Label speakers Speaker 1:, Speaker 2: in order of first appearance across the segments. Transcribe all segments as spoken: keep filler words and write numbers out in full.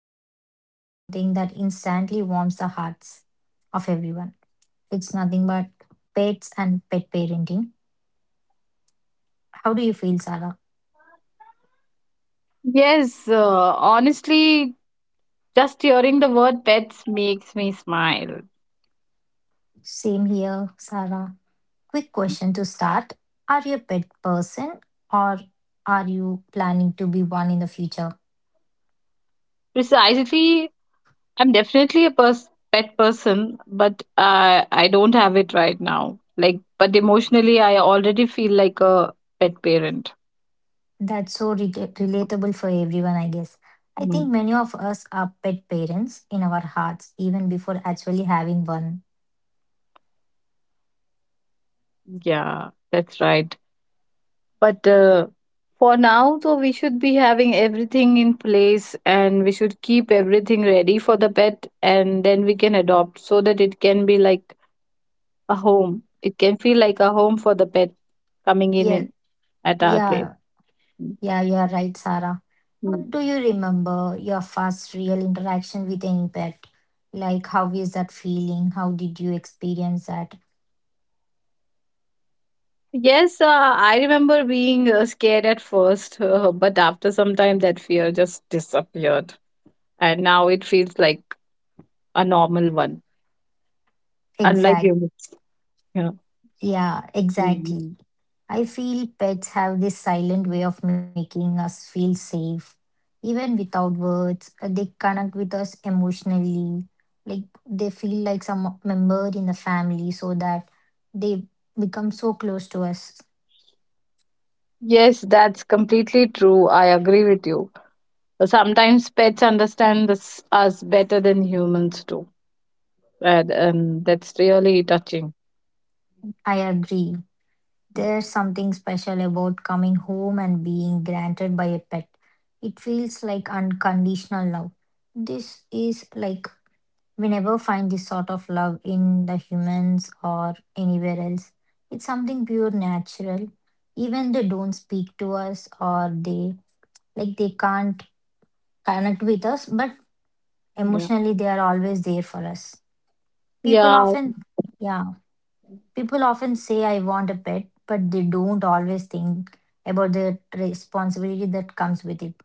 Speaker 1: because it's something that instantly warms the hearts of everyone. It's nothing but pets and pet parenting. How do you feel, Sarah?
Speaker 2: Yes, uh, Honestly, just hearing the word pets makes me smile.
Speaker 1: Same here, Sarah. Quick
Speaker 2: Mm.
Speaker 1: question to start. Are you a pet person, or are you planning to be one in the future?
Speaker 2: Precisely, I'm definitely a pers pet person, but I I don't have it right now. Like, but emotionally, I already feel like a pet parent.
Speaker 1: That's so re- relatable for everyone, I guess. I think
Speaker 2: Mm.
Speaker 1: many of us are pet parents in our hearts, even before actually having one.
Speaker 2: Yeah, that's right. But uh, For now, so we should be having everything in place and we should keep everything ready for the pet, and then we can adopt so that it can be like a home. It can feel like a home for the pet coming in
Speaker 1: Yeah,
Speaker 2: in- at our place.
Speaker 1: yeah,
Speaker 2: Mm,
Speaker 1: yeah, you are right, Sarah. How
Speaker 2: mm.
Speaker 1: do you remember your first real interaction with any pet? Like, how is that feeling? How did you experience that?
Speaker 2: Yes, uh, I remember being uh, scared at first, uh, but after some time, that fear just disappeared. And now it feels like a normal one, unlike
Speaker 1: Exactly.
Speaker 2: humans. Yeah.
Speaker 1: Yeah,
Speaker 2: Mm.
Speaker 1: exactly. I feel pets have this silent way of making us feel safe. Even without words, uh, they connect with us emotionally. Like they feel like some member in the family, so that they become so close to us.
Speaker 2: Yes, that's completely true. I agree with you. Sometimes pets understand this, us better than humans do. And, and that's really touching.
Speaker 1: I agree. There's something special about coming home and being granted by a pet. It feels like unconditional love. This is like, we never find this sort of love in the humans or anywhere else. It's something pure natural. Even they don't speak to us, or they, like they can't connect with us, but
Speaker 2: Yeah.
Speaker 1: emotionally they are always there for us. People
Speaker 2: Yeah,
Speaker 1: often, yeah, people often say I want a pet, but they don't always think about the responsibility that comes with it.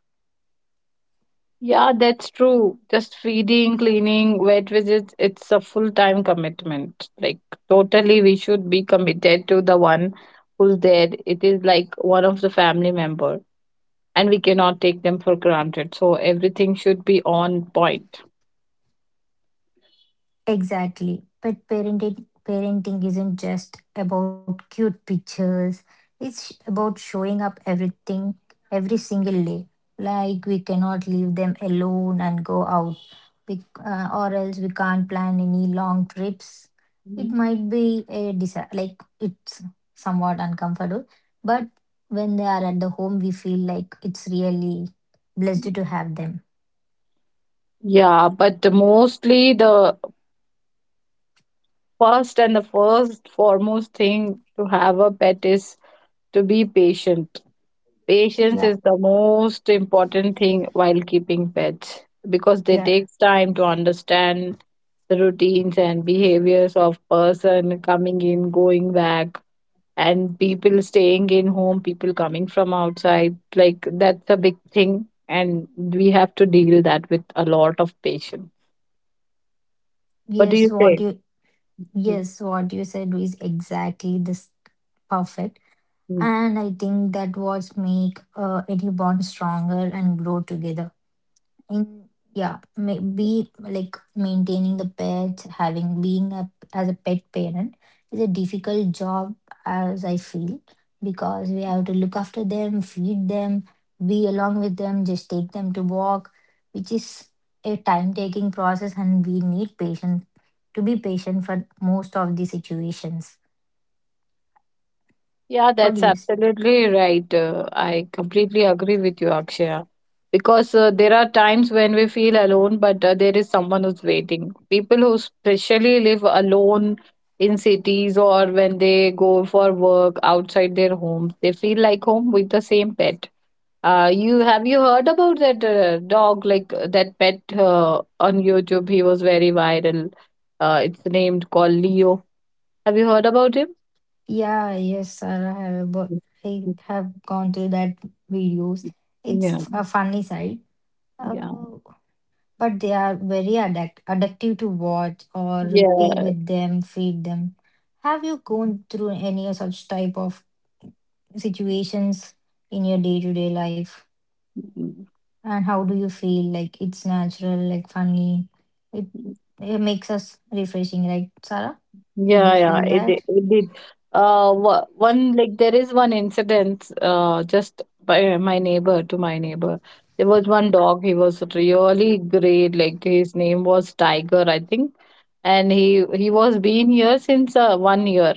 Speaker 2: yeah, that's true. Just feeding, cleaning, vet visits, it's a full-time commitment. Like totally we should be committed to the one who's there. It is like one of the family member, and we cannot take them for granted. So everything should be on point.
Speaker 1: Exactly. But parenting parenting isn't just about cute pictures. It's about showing up everything every single day. Like we cannot leave them alone and go out, we, uh, or else we can't plan any long trips. It
Speaker 2: Mhm.
Speaker 1: might be a disa- like it's somewhat uncomfortable, but when they are at the home, we feel like it's really blessed to have them.
Speaker 2: Yeah, but the mostly the first and the first foremost thing to have a pet is to be patient. Patience
Speaker 1: Yeah,
Speaker 2: is the most important thing while keeping pets because they
Speaker 1: yeah,
Speaker 2: take time to understand the routines and behaviors of person coming in, going back, and people staying in home, people coming from outside. Like that's a big thing, and we have to deal that with a lot of patience. What do
Speaker 1: yes.
Speaker 2: you
Speaker 1: What
Speaker 2: say?
Speaker 1: you— yes, so what you said is exactly this perfect.
Speaker 2: Hmm.
Speaker 1: And I think that what make uh, any bond stronger and grow together, and yeah, may be like maintaining the pets, having being a as a pet parent is a difficult job, as I feel, because we have to look after them, feed them, be along with them, just take them to walk, which is a time taking process, and we need patient, to be patient for most of the situations.
Speaker 2: Yeah,
Speaker 1: What do
Speaker 2: that's
Speaker 1: you s-
Speaker 2: absolutely right. Uh, I completely agree with you, Akshaya. Because uh, there are times when we feel alone, but uh, there is someone who's waiting. People who especially live alone in cities or when they go for work outside their homes, they feel like home with the same pet. Uh, you have you heard about that uh, dog like uh, that pet uh, on YouTube? He was very viral. Uh, it's named called Leo. Have you heard about him?
Speaker 1: Yeah, yes, Sarah, I have abo- I have gone through that videos.
Speaker 2: Yeah.
Speaker 1: It's a funny side.
Speaker 2: Yeah,
Speaker 1: Oh, but they are very addict addictive to watch, or be
Speaker 2: yeah,
Speaker 1: with them, feed them. Have you gone through any such type of situations in your day-to-day life?
Speaker 2: mm,
Speaker 1: And how do you feel? Like it's natural, like funny. It it makes us refreshing, right, Sarah? Did you
Speaker 2: yeah, yeah.
Speaker 1: feel
Speaker 2: It did.
Speaker 1: that?
Speaker 2: It did. Uh, wha- one like there is one incident. Uh, just by my neighbor to my neighbor, there was one dog. He was really great. Like his name was Tiger, I think, and he he was been here since uh, one year.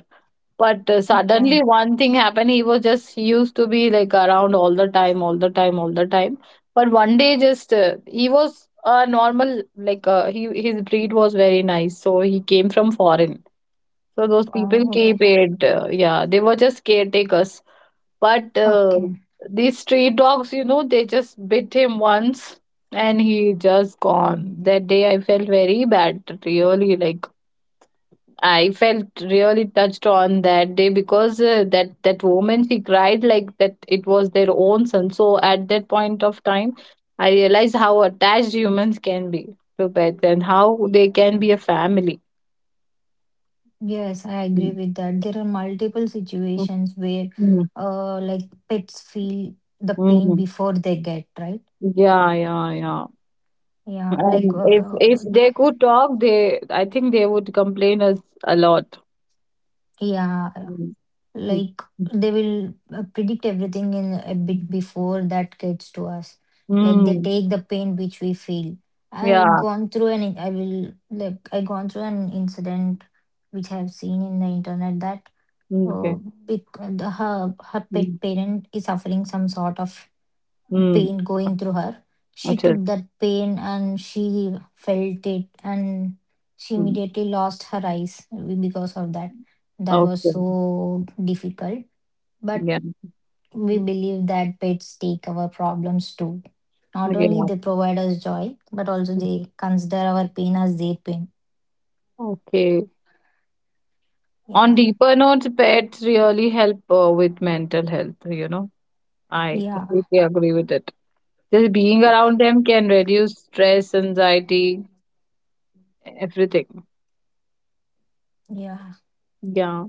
Speaker 2: But uh, suddenly
Speaker 1: Okay.
Speaker 2: one thing happened. He was just He used to be like around all the time, all the time, all the time. But one day, just uh, he was a normal like uh, he his breed was very nice. So he came from foreign. So those
Speaker 1: Wow.
Speaker 2: people keep
Speaker 1: Okay.
Speaker 2: it. Uh, yeah, they were just caretakers. But uh,
Speaker 1: Okay.
Speaker 2: These street dogs, you know, they just bit him once and he just gone. That day I felt very bad, really. Like I felt really touched on that day because uh, that that woman she cried like that it was their own son. So at that point of time, I realized how attached humans can be to pets and how they can be a family.
Speaker 1: Yes, I agree
Speaker 2: Mm.
Speaker 1: with that. There are multiple situations where,
Speaker 2: Mm,
Speaker 1: uh, like pets feel the pain
Speaker 2: mm.
Speaker 1: before they get, right?
Speaker 2: Yeah, yeah, yeah.
Speaker 1: Yeah, like,
Speaker 2: And if
Speaker 1: uh,
Speaker 2: if they could talk, they I think they would complain us a lot.
Speaker 1: yeah,
Speaker 2: Mm. Mm.
Speaker 1: like they will uh, predict everything in a bit
Speaker 2: Mm.
Speaker 1: before that gets to us. Like they
Speaker 2: Mm.
Speaker 1: take the pain which we feel. I
Speaker 2: Yeah.
Speaker 1: gone through an, I will like I gone through an incident which I have seen in the internet that, uh,
Speaker 2: Okay.
Speaker 1: bec- the, her her pet
Speaker 2: Mm.
Speaker 1: parent is suffering some sort of
Speaker 2: Mm.
Speaker 1: pain going through her, she
Speaker 2: Achal.
Speaker 1: took that pain and she felt it, and she
Speaker 2: Mm.
Speaker 1: immediately lost her eyes because of that. That was
Speaker 2: Okay.
Speaker 1: so difficult, but
Speaker 2: Yeah.
Speaker 1: we
Speaker 2: Mm,
Speaker 1: believe that pets take our problems too. Not only
Speaker 2: yeah.
Speaker 1: they provide us joy, but also
Speaker 2: Mm,
Speaker 1: they consider our pain as their pain.
Speaker 2: okay. On
Speaker 1: Yeah,
Speaker 2: deeper notes, pets really help uh, with mental health, you know. I
Speaker 1: yeah,
Speaker 2: completely agree with it. Just being
Speaker 1: yeah,
Speaker 2: around them can reduce stress, anxiety, everything.
Speaker 1: yeah.
Speaker 2: Yeah.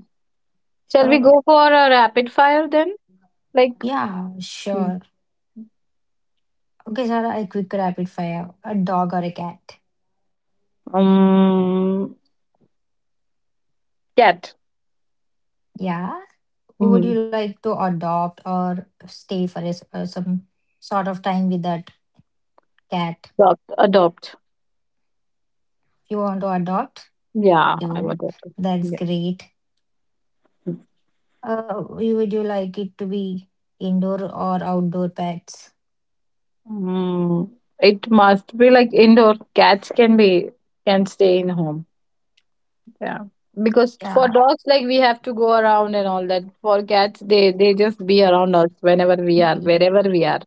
Speaker 2: Shall we
Speaker 1: Oh,
Speaker 2: go for a rapid fire then? Like,
Speaker 1: yeah,
Speaker 2: mm,
Speaker 1: sure. Okay, Sarah, a quick rapid fire. A dog or a cat?
Speaker 2: um, cat.
Speaker 1: Yeah. Who would
Speaker 2: Mm,
Speaker 1: you like to adopt, or stay for is- uh, some sort of time with that cat?
Speaker 2: adopt. Adopt.
Speaker 1: If you want to adopt,
Speaker 2: Yeah, I
Speaker 1: you—
Speaker 2: want that too.
Speaker 1: that's
Speaker 2: Yeah.
Speaker 1: great. Uh, you- would you like it to be indoor or outdoor pets?
Speaker 2: Mm, it must be like indoor. Cats can be can stay in home. Yeah. Because for
Speaker 1: Yeah,
Speaker 2: dogs, like we have to go around and all that. For cats, they they just be around us whenever we are,
Speaker 1: y-
Speaker 2: wherever we are.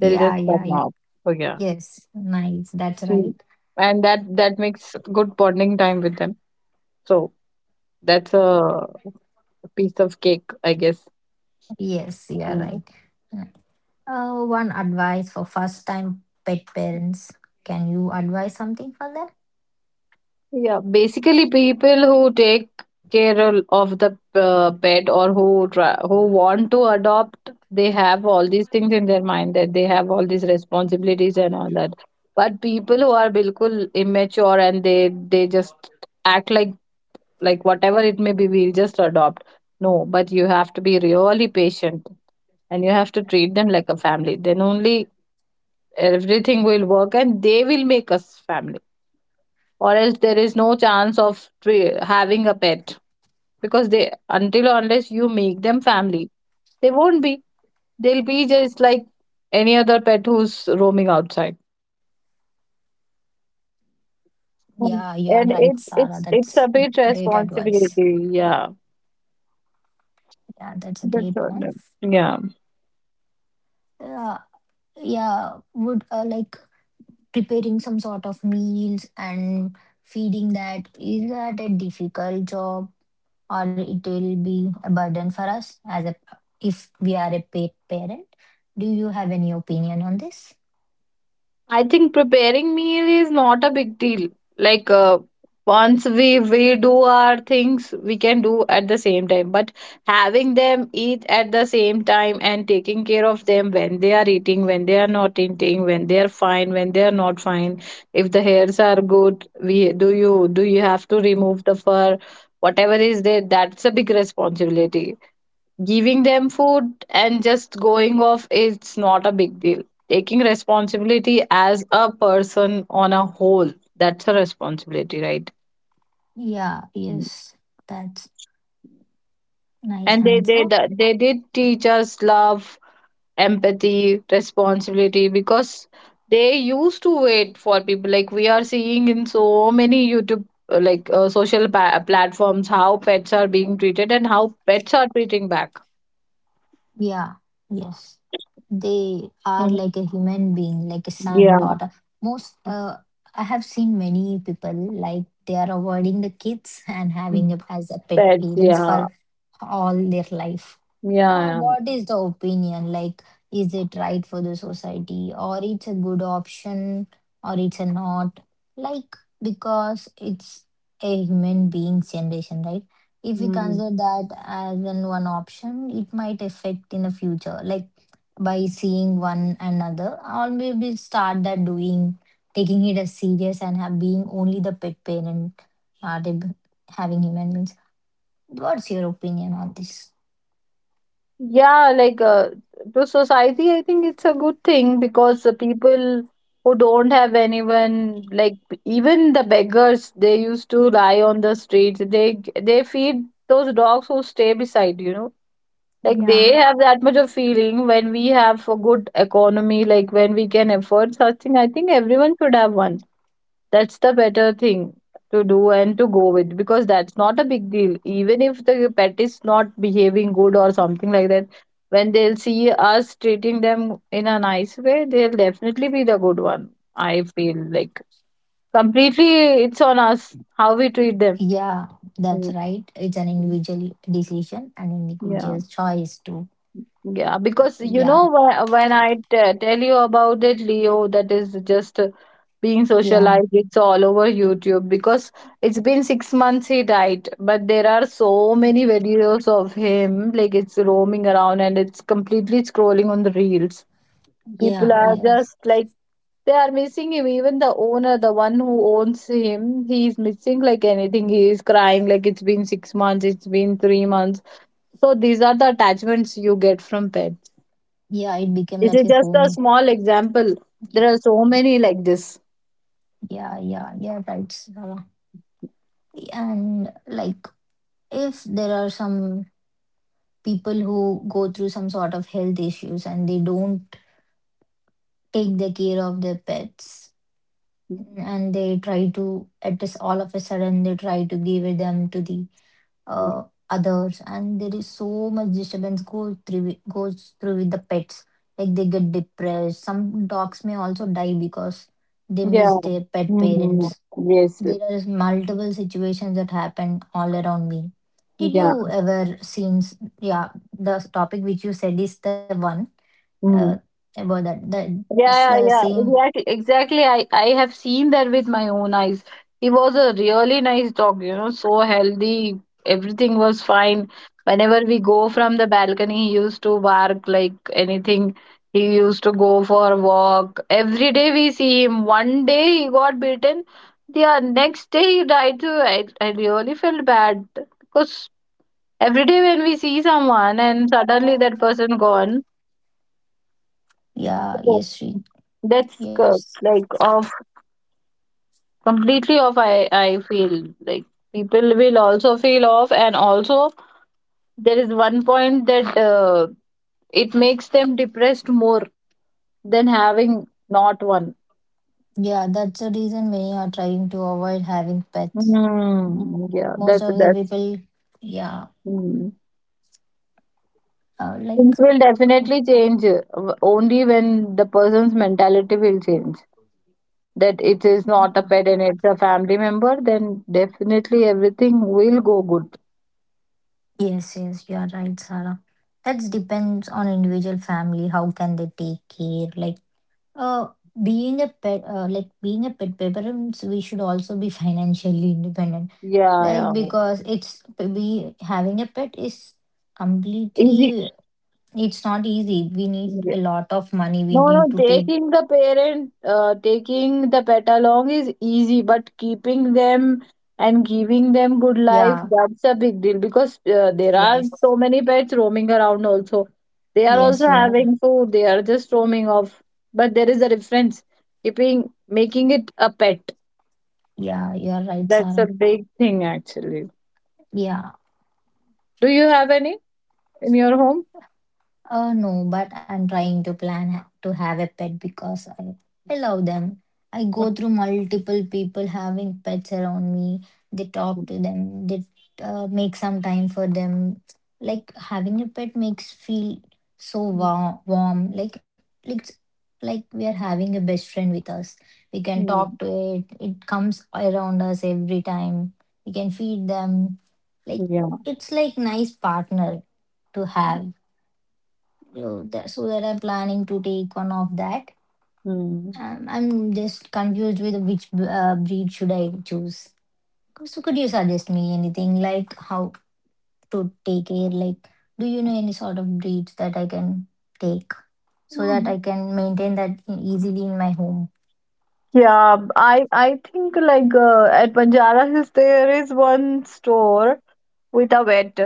Speaker 2: They'll
Speaker 1: yeah,
Speaker 2: just
Speaker 1: yeah.
Speaker 2: come
Speaker 1: y-
Speaker 2: out. So yeah.
Speaker 1: Yes, nice. That's
Speaker 2: Mm.
Speaker 1: right.
Speaker 2: And that that makes good bonding time with them. So that's a piece of cake, I guess.
Speaker 1: Yes, you're
Speaker 2: Hmm.
Speaker 1: right. Mm. Uh, one advice for first-time pet parents. Can you advise something for them?
Speaker 2: Yeah, basically people who take care of of the uh, pet or who try, who want to adopt, they have all these things in their mind that they have all these responsibilities and all that. But people who are bilkul immature and they they just act like like whatever it may be, we'll just adopt. No, but you have to be really patient and you have to treat them like a family. Then only everything will work and they will make us family, or else there is no chance of tre- having a pet, because they until or unless you make them family they won't be, they'll be just like any other pet who's roaming outside.
Speaker 1: Yeah, you are right,
Speaker 2: Mm.
Speaker 1: Sarah.
Speaker 2: And it
Speaker 1: That's a
Speaker 2: it's it's
Speaker 1: great
Speaker 2: a bit
Speaker 1: advice.
Speaker 2: responsibility, yeah,
Speaker 1: Yeah, that's a great one.
Speaker 2: that's all, yeah.
Speaker 1: Yeah, yeah. Would, uh, like preparing some sort of meals and feeding, that is that a difficult job, or it will be a burden for us as a, if we are a paid parent? Do you have any opinion on this?
Speaker 2: I think preparing meal is not a big deal. Like uh, once we we do our things, we can do at the same time. But having them eat at the same time and taking care of them when they are eating, when they are not eating, when they are fine, when they are not fine. If the hairs are good, we do you do you have to remove the fur? Whatever is there, that's a big responsibility. Giving them food and just going off is not a big deal. Taking responsibility as a person on a whole, that's a responsibility, right?
Speaker 1: Yeah,
Speaker 2: Mm.
Speaker 1: yes, that's nice
Speaker 2: And they they
Speaker 1: answer.
Speaker 2: d- they did teach us love, empathy, responsibility, because they used to wait for people. Like we are seeing in so many YouTube uh, like uh, social pa- platforms how pets are being treated and how pets are treating back.
Speaker 1: Yeah, yes, they are like
Speaker 2: Mhm.
Speaker 1: a human being, like a son,
Speaker 2: Yeah.
Speaker 1: daughter. Most, uh, I have seen many people, like they are avoiding the kids and having
Speaker 2: Mm.
Speaker 1: it as a pet
Speaker 2: Pets,
Speaker 1: parents for
Speaker 2: yeah.
Speaker 1: all their life. Uh,
Speaker 2: Yeah,
Speaker 1: what is the opinion? Like, is it right for the society, or it's a good option, or it's a not? Like, because it's a human being's generation, right? If we
Speaker 2: mm.
Speaker 1: consider that as an one option, it might affect in the future. Like, by seeing one another, or maybe start that doing, taking it as serious and have being only the pet parent, not a, having human beings. What's your opinion on this?
Speaker 2: Yeah, like uh, to society, I think it's a good thing because the people who don't have anyone, like even the beggars, they used to lie on the streets. They g- they feed those dogs who stay beside, you know. Like they
Speaker 1: Yeah.
Speaker 2: have that much of feeling. When we have a good economy, like when we can afford such thing, I think everyone should have one. That's the better thing to do and to go with, because that's not a big deal. Even if the pet is not behaving good or something like that, when they'll see us treating them in a nice way, they'll definitely be the good one. I feel like completely it's on us how we treat them.
Speaker 1: Yeah, that's
Speaker 2: Mm,
Speaker 1: right. It's an
Speaker 2: mm.
Speaker 1: individual decision and
Speaker 2: Yeah.
Speaker 1: individual choice too.
Speaker 2: Yeah, because you
Speaker 1: Yeah,
Speaker 2: know when when I t- tell you about it, Leo, that is just uh, being
Speaker 1: yeah,
Speaker 2: socialized. It's all over YouTube because it's been six months he died, but there are so many videos of him like it's roaming around and it's completely scrolling on the reels.
Speaker 1: yeah,
Speaker 2: People are
Speaker 1: yes.
Speaker 2: just like they are missing him. Even the owner, the one who owns him, he is missing like anything. He is crying like it's been six months, it's been three months. So these are the attachments you get from pet.
Speaker 1: Yeah, it became
Speaker 2: This is
Speaker 1: like a
Speaker 2: just a
Speaker 1: home.
Speaker 2: small example. There
Speaker 1: Yeah,
Speaker 2: are so many like this.
Speaker 1: yeah, yeah, yeah, right, Sarah. And like, if there are some people who go through some sort of health issues, and they don't take the care of their pets, and they try to at this all of a sudden they try to give them to the, uh, others, and there is so much disturbance go through it- goes through with the pets. Like they get depressed, some dogs may also die because they miss
Speaker 2: Yeah.
Speaker 1: their pet
Speaker 2: Mhm.
Speaker 1: parents.
Speaker 2: Yes.
Speaker 1: There are multiple situations that happen all around me. Did
Speaker 2: Yeah.
Speaker 1: you ever seen s- yeah, the topic which you said is the one, uh,
Speaker 2: Mm.
Speaker 1: about that the, that's the
Speaker 2: Yeah, yeah, yeah,
Speaker 1: same.
Speaker 2: exactly, exactly. I I have seen that with my own eyes. He was a really nice dog, you know, so healthy. Everything was fine. Whenever we go from the balcony, he used to bark like anything. He used to go for a walk. Every day we see him. One day he got bitten. The uh, next day he died too. I, I really felt bad because every day when we see someone and suddenly that person gone,
Speaker 1: Yeah, yes, Sri.
Speaker 2: that's uh,
Speaker 1: Yes,
Speaker 2: like awful. Completely off, i i feel like people will also feel off, and also there is one point that uh, it makes them depressed more than having not one.
Speaker 1: yeah, that's the reason many are trying to avoid having pets. Mm,
Speaker 2: Hmm. yeah
Speaker 1: most
Speaker 2: that's
Speaker 1: of the
Speaker 2: that's
Speaker 1: people, yeah,
Speaker 2: hmm.
Speaker 1: uh, like,
Speaker 2: Things will definitely change uh, w- only when the person's mentality will change, that it is
Speaker 1: yeah.
Speaker 2: not a pet and it's a family member. Then definitely everything will go good.
Speaker 1: Yes, yes, you are right, Sarah. That depends on individual family. How can they take care? Like, uh, being a pet, uh, like being a pet parents, we should also be financially independent.
Speaker 2: Yeah
Speaker 1: Like,
Speaker 2: yeah
Speaker 1: because it's we having a pet is
Speaker 2: easy.
Speaker 1: completely. It's not easy. We need
Speaker 2: Yeah.
Speaker 1: a lot of money. We
Speaker 2: No,
Speaker 1: need
Speaker 2: no,
Speaker 1: to take.
Speaker 2: taking the parent, uh, taking the pet along is easy, but keeping them and giving them good life,
Speaker 1: Yeah.
Speaker 2: that's a big deal because uh, there are
Speaker 1: Yes.
Speaker 2: so many pets roaming around also. They are
Speaker 1: Yes,
Speaker 2: also
Speaker 1: you are.
Speaker 2: having food, they are just roaming off. But there is a difference. Keeping, making it a pet,
Speaker 1: Yeah, you are right,
Speaker 2: that's a
Speaker 1: Sarah.
Speaker 2: big thing actually.
Speaker 1: Yeah.
Speaker 2: Do you have any in your home?
Speaker 1: Uh, no, but I'm trying to plan ha- to have a pet because I, I love them. I go through multiple people having pets around me. They talk to them. They, uh, make some time for them. Like having a pet makes feel so warm, warm. Like it's like we are having a best friend with us. We
Speaker 2: Mm,
Speaker 1: can talk
Speaker 2: mm,
Speaker 1: to it. It comes around us every time. We can feed them. Like
Speaker 2: yeah.
Speaker 1: it's like nice partner to have. So that, so that I'm planning to take one of that.
Speaker 2: Mm.
Speaker 1: Um, I'm just confused with which uh, breed should I choose, so could you suggest me anything, like how to take care, like do you know any sort of breeds that I can take so that I can maintain that easily in my home?
Speaker 2: Yeah, I I think like uh, at Banjara Hills there is one store with a vet.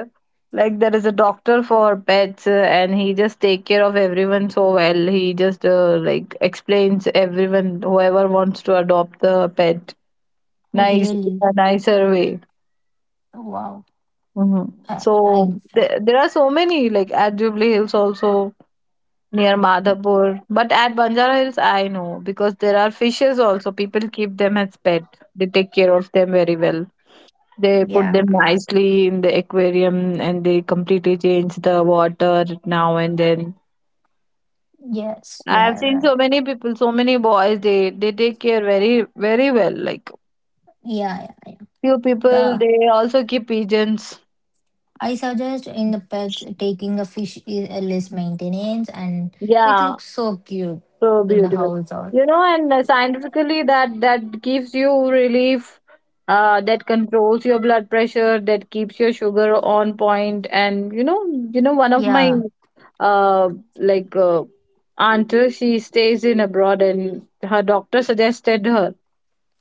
Speaker 2: Like there is a doctor for pets, uh, and he just take care of everyone so well. He just uh, like explains everyone whoever wants to adopt the pet
Speaker 1: Oh
Speaker 2: nice,
Speaker 1: really?
Speaker 2: a nicer way.
Speaker 1: Wow.
Speaker 2: Hmm.
Speaker 1: i,
Speaker 2: So
Speaker 1: I
Speaker 2: there, there are so many like at Jubilee Hills also near Madhapur. But at Banjara Hills, I know because there are fishes also. People keep them as pet. They take care of them very well. They put
Speaker 1: yeah,
Speaker 2: them nicely in the aquarium and they completely change the water now and then.
Speaker 1: yes,
Speaker 2: I have
Speaker 1: yeah,
Speaker 2: seen
Speaker 1: right.
Speaker 2: so many people, so many boys. They they take care very very well. Like
Speaker 1: Yeah, yeah,
Speaker 2: few people,
Speaker 1: yeah.
Speaker 2: they also keep pigeons.
Speaker 1: I suggest in the pets, taking a fish is a less maintenance and it
Speaker 2: Yeah,
Speaker 1: looks so cute
Speaker 2: so
Speaker 1: in the
Speaker 2: beautiful.
Speaker 1: house. Or
Speaker 2: You know, and uh, scientifically, that that gives you relief, uh, that controls your blood pressure, that keeps your sugar on point, point. And you know, you know, One of my
Speaker 1: yeah.
Speaker 2: uh like uh, aunt, she stays in abroad, and her doctor suggested her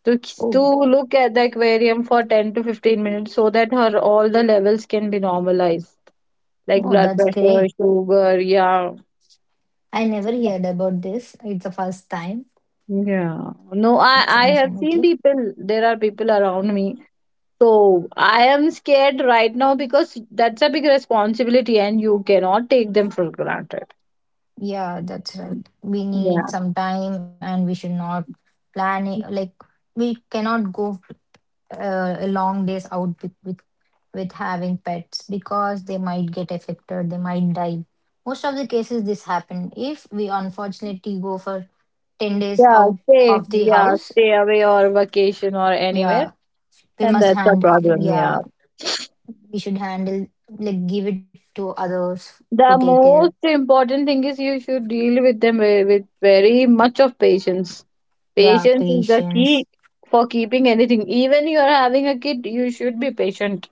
Speaker 2: to to
Speaker 1: Oh,
Speaker 2: look at the aquarium for ten to fifteen minutes so that her all the levels can be normalized, like
Speaker 1: oh,
Speaker 2: blood
Speaker 1: that's
Speaker 2: pressure,
Speaker 1: great.
Speaker 2: sugar, yeah.
Speaker 1: I never heard about this. It's the first time.
Speaker 2: Yeah, no, I
Speaker 1: It's
Speaker 2: I have seen
Speaker 1: informative.
Speaker 2: people. There are people around me, so I am scared right now because that's a big responsibility, and you cannot take them for granted.
Speaker 1: Yeah, that's right. We
Speaker 2: Yeah,
Speaker 1: need some time, and we should not plan it like we cannot go, uh, a long days out with, with with having pets, because they might get affected, they might die. Most of the cases this happen if we unfortunately go for ten days
Speaker 2: yeah,
Speaker 1: out
Speaker 2: stay,
Speaker 1: of the
Speaker 2: yeah,
Speaker 1: house.
Speaker 2: stay away or vacation or anywhere,
Speaker 1: Yeah, we
Speaker 2: and
Speaker 1: must
Speaker 2: that's a
Speaker 1: hand,
Speaker 2: problem. Yeah,
Speaker 1: yeah, we should handle, like give it to others to
Speaker 2: the
Speaker 1: take care.
Speaker 2: most important thing is you should deal with them ve- with very much of patience.
Speaker 1: Yeah,
Speaker 2: Patience is the
Speaker 1: patience.
Speaker 2: key for keeping anything. Even you are having a kid, you should be patient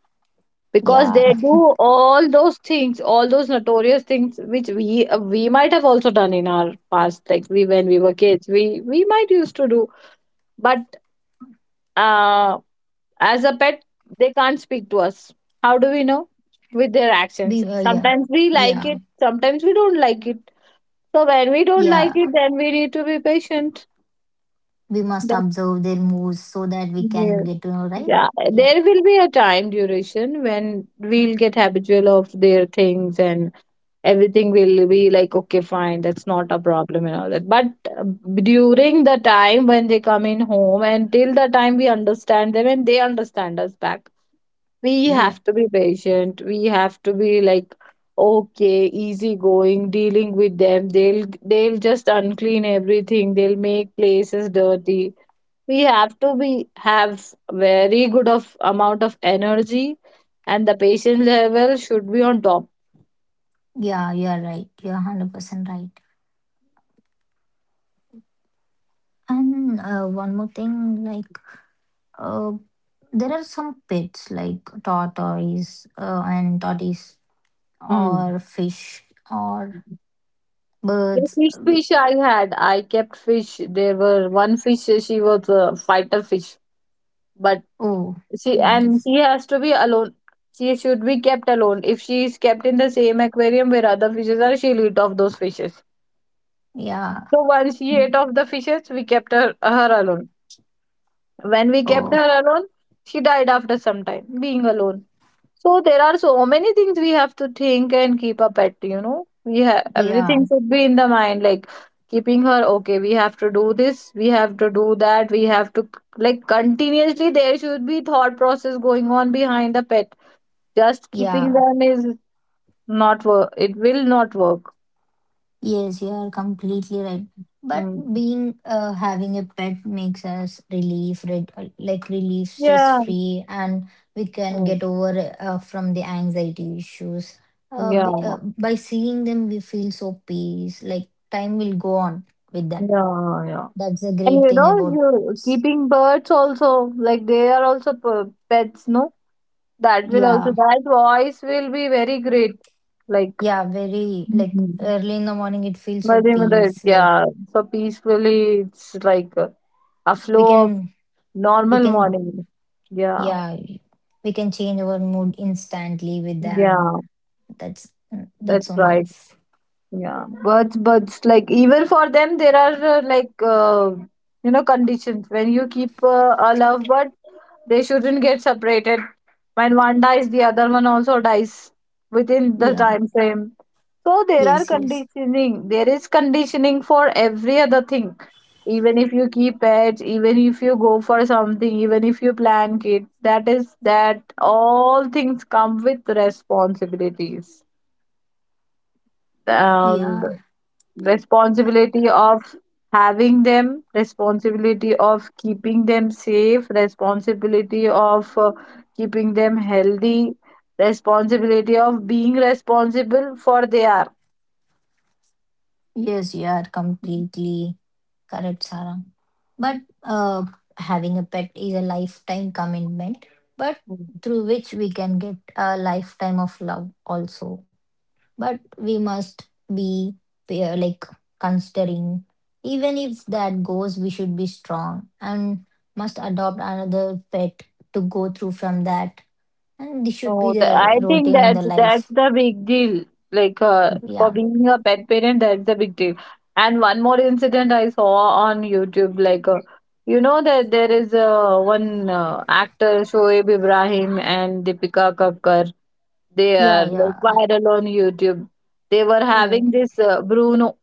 Speaker 2: because
Speaker 1: Yeah,
Speaker 2: they do all those things, all those notorious things which we uh, we might have also done in our past, like we when we were kids we we might used to do but uh as a pet they can't speak to us. How do we know? With their
Speaker 1: we were,
Speaker 2: actions,
Speaker 1: yeah,
Speaker 2: sometimes we
Speaker 1: yeah,
Speaker 2: like it, sometimes we don't like it. So when we don't
Speaker 1: yeah,
Speaker 2: like it, then we need to be patient.
Speaker 1: we must
Speaker 2: That's,
Speaker 1: observe their moves so that we can get
Speaker 2: yeah,
Speaker 1: to know, right?
Speaker 2: yeah,
Speaker 1: Yeah,
Speaker 2: there will be a time duration when we'll get habitual of their things, and everything will be like okay fine, that's not a problem and all that. But uh, during the time when they come in home and till the time we understand them and they understand us back, we
Speaker 1: yeah.
Speaker 2: have to be patient, we have to be like okay, easy going dealing with them. They'll they'll just unclean everything, they'll make places dirty. We have to be have very good of amount of energy, and the patient level should be on top.
Speaker 1: Yeah, you're right. You're one hundred percent right. And uh, one more thing, like, uh, there are some pets like tortoise uh, and tortoise,
Speaker 2: Mm.
Speaker 1: or fish, or
Speaker 2: The
Speaker 1: birds.
Speaker 2: fish
Speaker 1: We-
Speaker 2: fish I had, I kept fish. There were one fish. uh, She was a fighter fish, but
Speaker 1: Oh,
Speaker 2: she, and
Speaker 1: nice.
Speaker 2: she has to be alone. She should be kept alone. If she is kept in the same aquarium where other fishes are, she'll eat off those fishes.
Speaker 1: Yeah.
Speaker 2: So once she ate off the fishes, we kept her her alone. When we kept
Speaker 1: Oh,
Speaker 2: her alone, she died after some time, being alone. So there are so many things we have to think and keep up at, you know. We have
Speaker 1: yeah.
Speaker 2: everything should be in the mind, like keeping her okay, we have to do this, we have to do that, we have to like continuously there should be thought process going on behind the pet. Just keeping
Speaker 1: Yeah.
Speaker 2: them is not work. It will not work.
Speaker 1: Yes, you are completely right. But
Speaker 2: Mm.
Speaker 1: being, uh, having a pet makes us relief, red, like relief, stress
Speaker 2: Yeah.
Speaker 1: free, and we can
Speaker 2: Mm.
Speaker 1: get over, uh, from the anxiety issues. Uh, b-
Speaker 2: Yeah.
Speaker 1: uh, by seeing them, we feel so peace. Like time will go on with them.
Speaker 2: Yeah. Yeah.
Speaker 1: That's a
Speaker 2: And
Speaker 1: great
Speaker 2: you
Speaker 1: thing
Speaker 2: know,
Speaker 1: about
Speaker 2: you
Speaker 1: pets.
Speaker 2: keeping birds also, like they are also p- pets, no? That will also,
Speaker 1: Yeah,
Speaker 2: that voice will be very great. Like,
Speaker 1: yeah, very like
Speaker 2: mhm,
Speaker 1: early in the morning, it feels so
Speaker 2: very moderate.
Speaker 1: peace. Like
Speaker 2: Yeah. So peacefully, it's like a, a
Speaker 1: we
Speaker 2: flow of
Speaker 1: can, we
Speaker 2: normal
Speaker 1: can,
Speaker 2: morning. Yeah.
Speaker 1: yeah, we can change our mood instantly with them.
Speaker 2: Yeah.
Speaker 1: That's that's
Speaker 2: That's
Speaker 1: so
Speaker 2: right.
Speaker 1: nice.
Speaker 2: Yeah, birds, birds, like even for them, there are uh, like uh, you know, conditions when you keep uh, a love bird, they shouldn't get separated. When one dies, the other one also dies within the
Speaker 1: Yeah.
Speaker 2: time frame. So there are
Speaker 1: Yes. Yes.
Speaker 2: conditioning. There is conditioning for every other thing. Even if you keep pets, even if you go for something, even if you plan kid, that is that all things come with responsibilities. Um,
Speaker 1: Yeah. Uh,
Speaker 2: responsibility of having them, responsibility of keeping them safe, responsibility of uh, keeping them healthy, responsibility of being responsible for they are.
Speaker 1: yes. You are completely correct, Sarah. But uh, having a pet is a lifetime commitment, but through which we can get a lifetime of love also. But we must be, uh, like considering, even if that goes, we should be strong and must adopt another pet to go through from that. And this should be
Speaker 2: No, the, I
Speaker 1: the
Speaker 2: think
Speaker 1: routine in the
Speaker 2: that's that's
Speaker 1: life.
Speaker 2: the big deal. Like uh, for
Speaker 1: Yeah.
Speaker 2: being a pet parent, that's the big deal. And one more incident I saw on YouTube, like uh, you know that there is uh, one uh, actor Shoaib Ibrahim and Deepika Kakkar. They
Speaker 1: Yeah.
Speaker 2: are like
Speaker 1: Yeah.
Speaker 2: viral on YouTube. They were
Speaker 1: Oh,
Speaker 2: having this uh, Bruno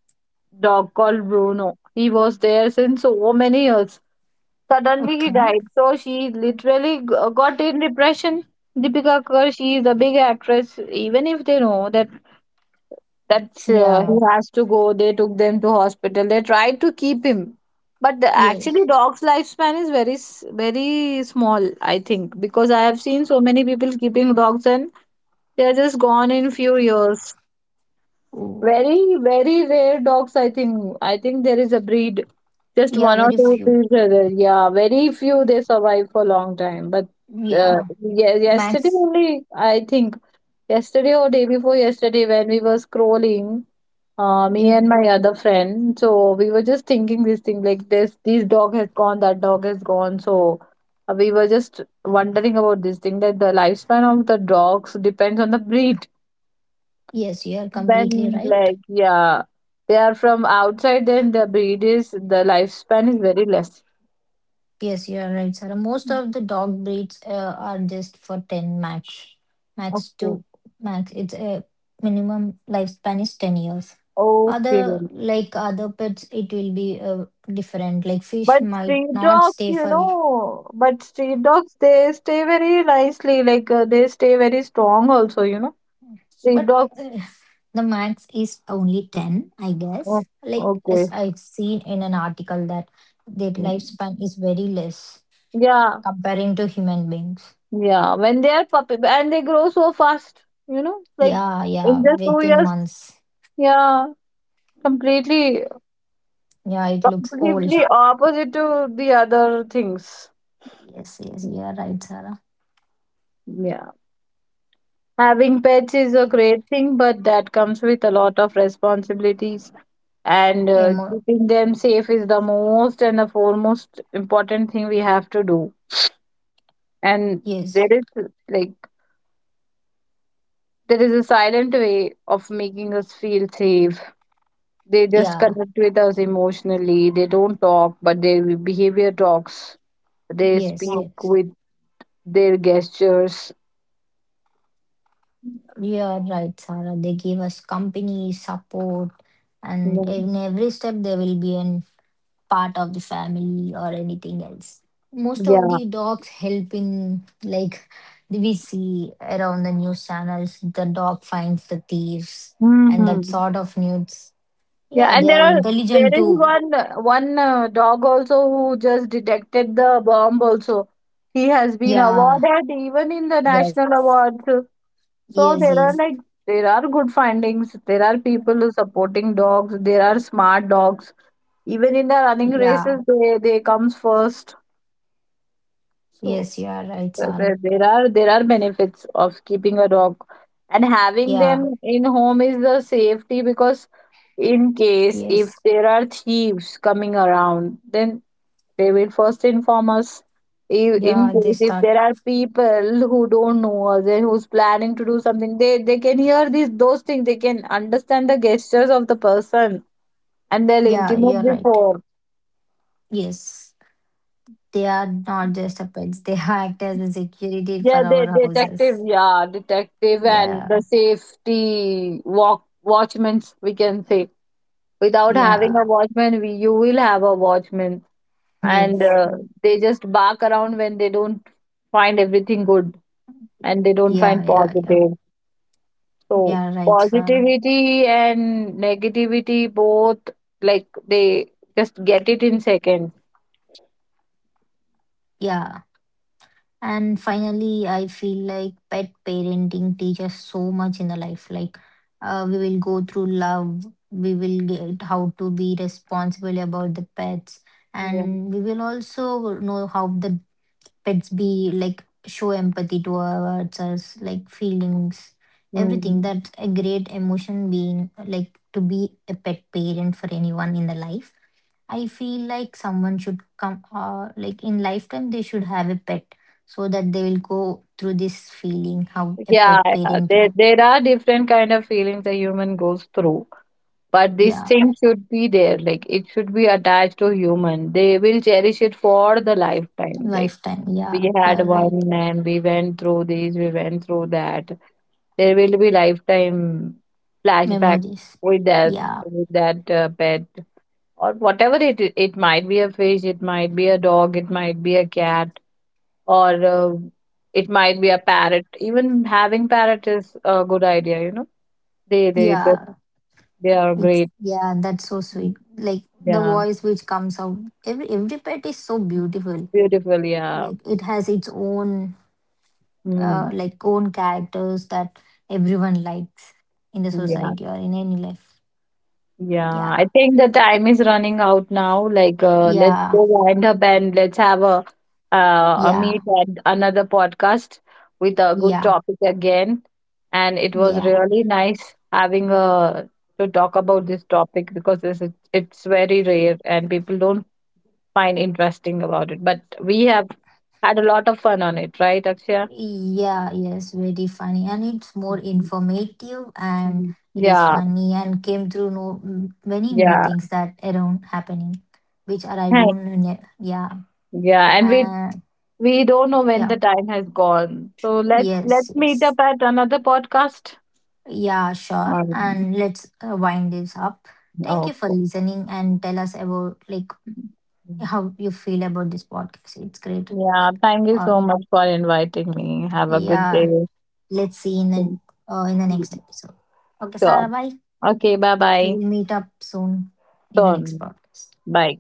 Speaker 2: dog called Bruno. He was there since so many years. Suddenly he
Speaker 1: okay.
Speaker 2: died. So she literally g- uh, got in depression. Deepika Kakkar, she is a big actress. Even if they know that that's uh, he
Speaker 1: Yeah.
Speaker 2: has to go, they took them to hospital. They tried to keep him, but the, actually
Speaker 1: Yes.
Speaker 2: dog's lifespan is very s- very small. I think because I have seen so many people keeping dogs and they are just gone in few years.
Speaker 1: Oh,
Speaker 2: Very, very rare dogs, I think. I think there is a breed, just
Speaker 1: yeah.
Speaker 2: one or
Speaker 1: Very
Speaker 2: two
Speaker 1: few.
Speaker 2: breeds are there. Yeah, very few they survive for a long time. But uh,
Speaker 1: Yeah.
Speaker 2: yeah, yesterday
Speaker 1: Max.
Speaker 2: only, I think, yesterday or day before yesterday, when we were scrolling, uh, me
Speaker 1: Yeah.
Speaker 2: and my other friend, so we were just thinking this thing like this, this dog has gone, that dog has gone. So uh, we were just wondering about this thing that the lifespan of the dogs depends on the breed
Speaker 1: Yes, you are completely
Speaker 2: when
Speaker 1: right.
Speaker 2: like yeah they are from outside, then the breed is the lifespan is very less.
Speaker 1: Yes, you are right, Sarah. Most of the dog breeds uh, are just for ten max. Max to
Speaker 2: Okay.
Speaker 1: max. It's a minimum lifespan is ten years.
Speaker 2: Okay.
Speaker 1: Other, like other pets, it will be, uh, different. Like fish
Speaker 2: But
Speaker 1: might
Speaker 2: street
Speaker 1: not
Speaker 2: dogs,
Speaker 1: stay
Speaker 2: you
Speaker 1: for—
Speaker 2: know, but street dogs, they stay very nicely, like uh, they stay very strong also, you know. Street
Speaker 1: but
Speaker 2: dogs.
Speaker 1: uh, the max is only ten, I
Speaker 2: Oh,
Speaker 1: guess. Like,
Speaker 2: okay.
Speaker 1: as I've seen in an article that their
Speaker 2: Mm.
Speaker 1: lifespan is very less
Speaker 2: Yeah,
Speaker 1: comparing to human beings.
Speaker 2: yeah, when they are puppy and they grow so fast, you know, like
Speaker 1: Yeah, yeah,
Speaker 2: in just two
Speaker 1: within
Speaker 2: years
Speaker 1: months.
Speaker 2: yeah, completely.
Speaker 1: Yeah, it looks old.
Speaker 2: Completely opposite to the other things.
Speaker 1: Yes, yes, you are right, Sarah.
Speaker 2: Yeah. Having pets is a great thing, but that comes with a lot of responsibilities, and uh,
Speaker 1: Emo,
Speaker 2: keeping them safe is the most and the foremost important thing we have to do. And there
Speaker 1: yes,
Speaker 2: is like there is a silent way of making us feel safe. They just
Speaker 1: yeah,
Speaker 2: connect with us emotionally. They don't talk, but their behavior talks. They
Speaker 1: yes,
Speaker 2: speak
Speaker 1: yes.
Speaker 2: with their gestures.
Speaker 1: You are right, Sarah. They give us company support, and in every step there will be an part of the family or anything else. Most of
Speaker 2: Yeah.
Speaker 1: the dogs helping, like we see around the news channels, the dog finds the thieves and that
Speaker 2: Mm.
Speaker 1: sort of nudes. Yeah,
Speaker 2: Yeah, and
Speaker 1: they
Speaker 2: there
Speaker 1: are
Speaker 2: are, there
Speaker 1: intelligent
Speaker 2: is
Speaker 1: too.
Speaker 2: one one uh, dog also who just detected the bomb also. He has been
Speaker 1: Yeah,
Speaker 2: awarded even in the national
Speaker 1: yes,
Speaker 2: awards.
Speaker 1: yes,
Speaker 2: So there
Speaker 1: yes,
Speaker 2: are like there are good findings. There are people who supporting dogs. There are smart dogs. Even in the running
Speaker 1: yeah,
Speaker 2: races, they they comes first.
Speaker 1: yes, you
Speaker 2: So
Speaker 1: are right,
Speaker 2: uh,
Speaker 1: Sarah.
Speaker 2: there, there are there are benefits of keeping a dog, and having
Speaker 1: Yeah,
Speaker 2: them in home is the safety because in case
Speaker 1: yes,
Speaker 2: if there are thieves coming around, then they will first inform us. If in
Speaker 1: yeah, they
Speaker 2: case if
Speaker 1: start.
Speaker 2: there are people who don't know us and who's planning to do something, they they can hear these those things, they can understand the gestures of the person, and they'll
Speaker 1: Yeah, you're
Speaker 2: intimate
Speaker 1: right.
Speaker 2: before.
Speaker 1: Yes, they are not just a pets, they act as a security for
Speaker 2: Yeah,
Speaker 1: our
Speaker 2: they detective,
Speaker 1: houses.
Speaker 2: yeah, detective and
Speaker 1: Yeah.
Speaker 2: the safety walk, watchmans we can say. Without having
Speaker 1: Yeah,
Speaker 2: a watchman, we you will have a watchman, and
Speaker 1: yes.
Speaker 2: uh,
Speaker 1: Mm.
Speaker 2: they just bark around when they don't find everything good and
Speaker 1: Yeah,
Speaker 2: they don't
Speaker 1: yeah, yeah.
Speaker 2: find positive.
Speaker 1: Yeah, right,
Speaker 2: So
Speaker 1: Sarah.
Speaker 2: positivity and negativity both, like they just get it in seconds.
Speaker 1: Yeah. And finally, I feel like pet parenting teaches so much in the life. Like, uh, we will go through love, we will get how to be responsible about the pets, and
Speaker 2: Yeah.
Speaker 1: we will also know how the pets be like show empathy towards us, like feelings, everything. That's
Speaker 2: Mm.
Speaker 1: a great emotion being like to be a pet parent for anyone in the life. I feel like someone should come, uh, like in lifetime, they should have a pet so that they will go through this feeling how a
Speaker 2: Yeah,
Speaker 1: pet
Speaker 2: yeah,
Speaker 1: parent,
Speaker 2: there, there are different kind of feelings a human goes through, but this
Speaker 1: yeah,
Speaker 2: thing should be there, like it should be attached to human, they will cherish it for the lifetime like
Speaker 1: lifetime, yeah,
Speaker 2: we
Speaker 1: you're
Speaker 2: had
Speaker 1: right,
Speaker 2: one and we went through this, we went through that. There will be lifetime flashback
Speaker 1: memories,
Speaker 2: with that,
Speaker 1: yeah,
Speaker 2: with that uh, pet or whatever it i- it might be. A fish, it might be a dog, it might be a cat, or uh, it might be a parrot. Even having parrot is a good idea. You know, they they just,
Speaker 1: yeah,
Speaker 2: they are
Speaker 1: it's,
Speaker 2: great.
Speaker 1: yeah, that's so
Speaker 2: Mm,
Speaker 1: sweet. Like the
Speaker 2: yeah,
Speaker 1: voice which comes out, every every pet is so beautiful.
Speaker 2: beautiful. Yeah,
Speaker 1: Like it has its own,
Speaker 2: mm,
Speaker 1: uh, like own characters that everyone likes in the
Speaker 2: yeah.
Speaker 1: society or in any life.
Speaker 2: Yeah,
Speaker 1: Yeah,
Speaker 2: I think the time is running out now. Like, uh, let's
Speaker 1: yeah,
Speaker 2: go wind up and let's have a uh, a
Speaker 1: yeah.
Speaker 2: meet and another podcast with a good
Speaker 1: Yeah,
Speaker 2: topic again. And it was
Speaker 1: yeah,
Speaker 2: really nice having a to talk about this topic because this is, it's very rare and people don't find interesting about it. But we have had a lot of fun on it, right, Akshaya?
Speaker 1: yeah, yes, very funny. And it's more informative, and
Speaker 2: Mhm.
Speaker 1: it is
Speaker 2: Yeah,
Speaker 1: funny, and came through no m- many new
Speaker 2: yeah,
Speaker 1: things that around happening, which are I don't know. Yeah,
Speaker 2: yeah. And we
Speaker 1: uh,
Speaker 2: we don't know when
Speaker 1: yeah,
Speaker 2: the time has gone. So let's let's
Speaker 1: yes,
Speaker 2: meet
Speaker 1: yes.
Speaker 2: up at another podcast.
Speaker 1: Yeah, sure.
Speaker 2: Um,
Speaker 1: And let's, uh, wind this up. Thank you for
Speaker 2: okay.
Speaker 1: listening, and tell us about like how you feel about this podcast. It's great.
Speaker 2: Yeah, thank you
Speaker 1: Or
Speaker 2: so much for inviting me. Have a good
Speaker 1: yeah,
Speaker 2: day.
Speaker 1: let's see in the,
Speaker 2: Thank
Speaker 1: uh, in the
Speaker 2: you.
Speaker 1: next episode. Okay,
Speaker 2: Sure.
Speaker 1: Sarah, bye.
Speaker 2: Okay, bye
Speaker 1: We
Speaker 2: bye.
Speaker 1: will meet up soon in the next
Speaker 2: Done.
Speaker 1: podcast.
Speaker 2: Bye.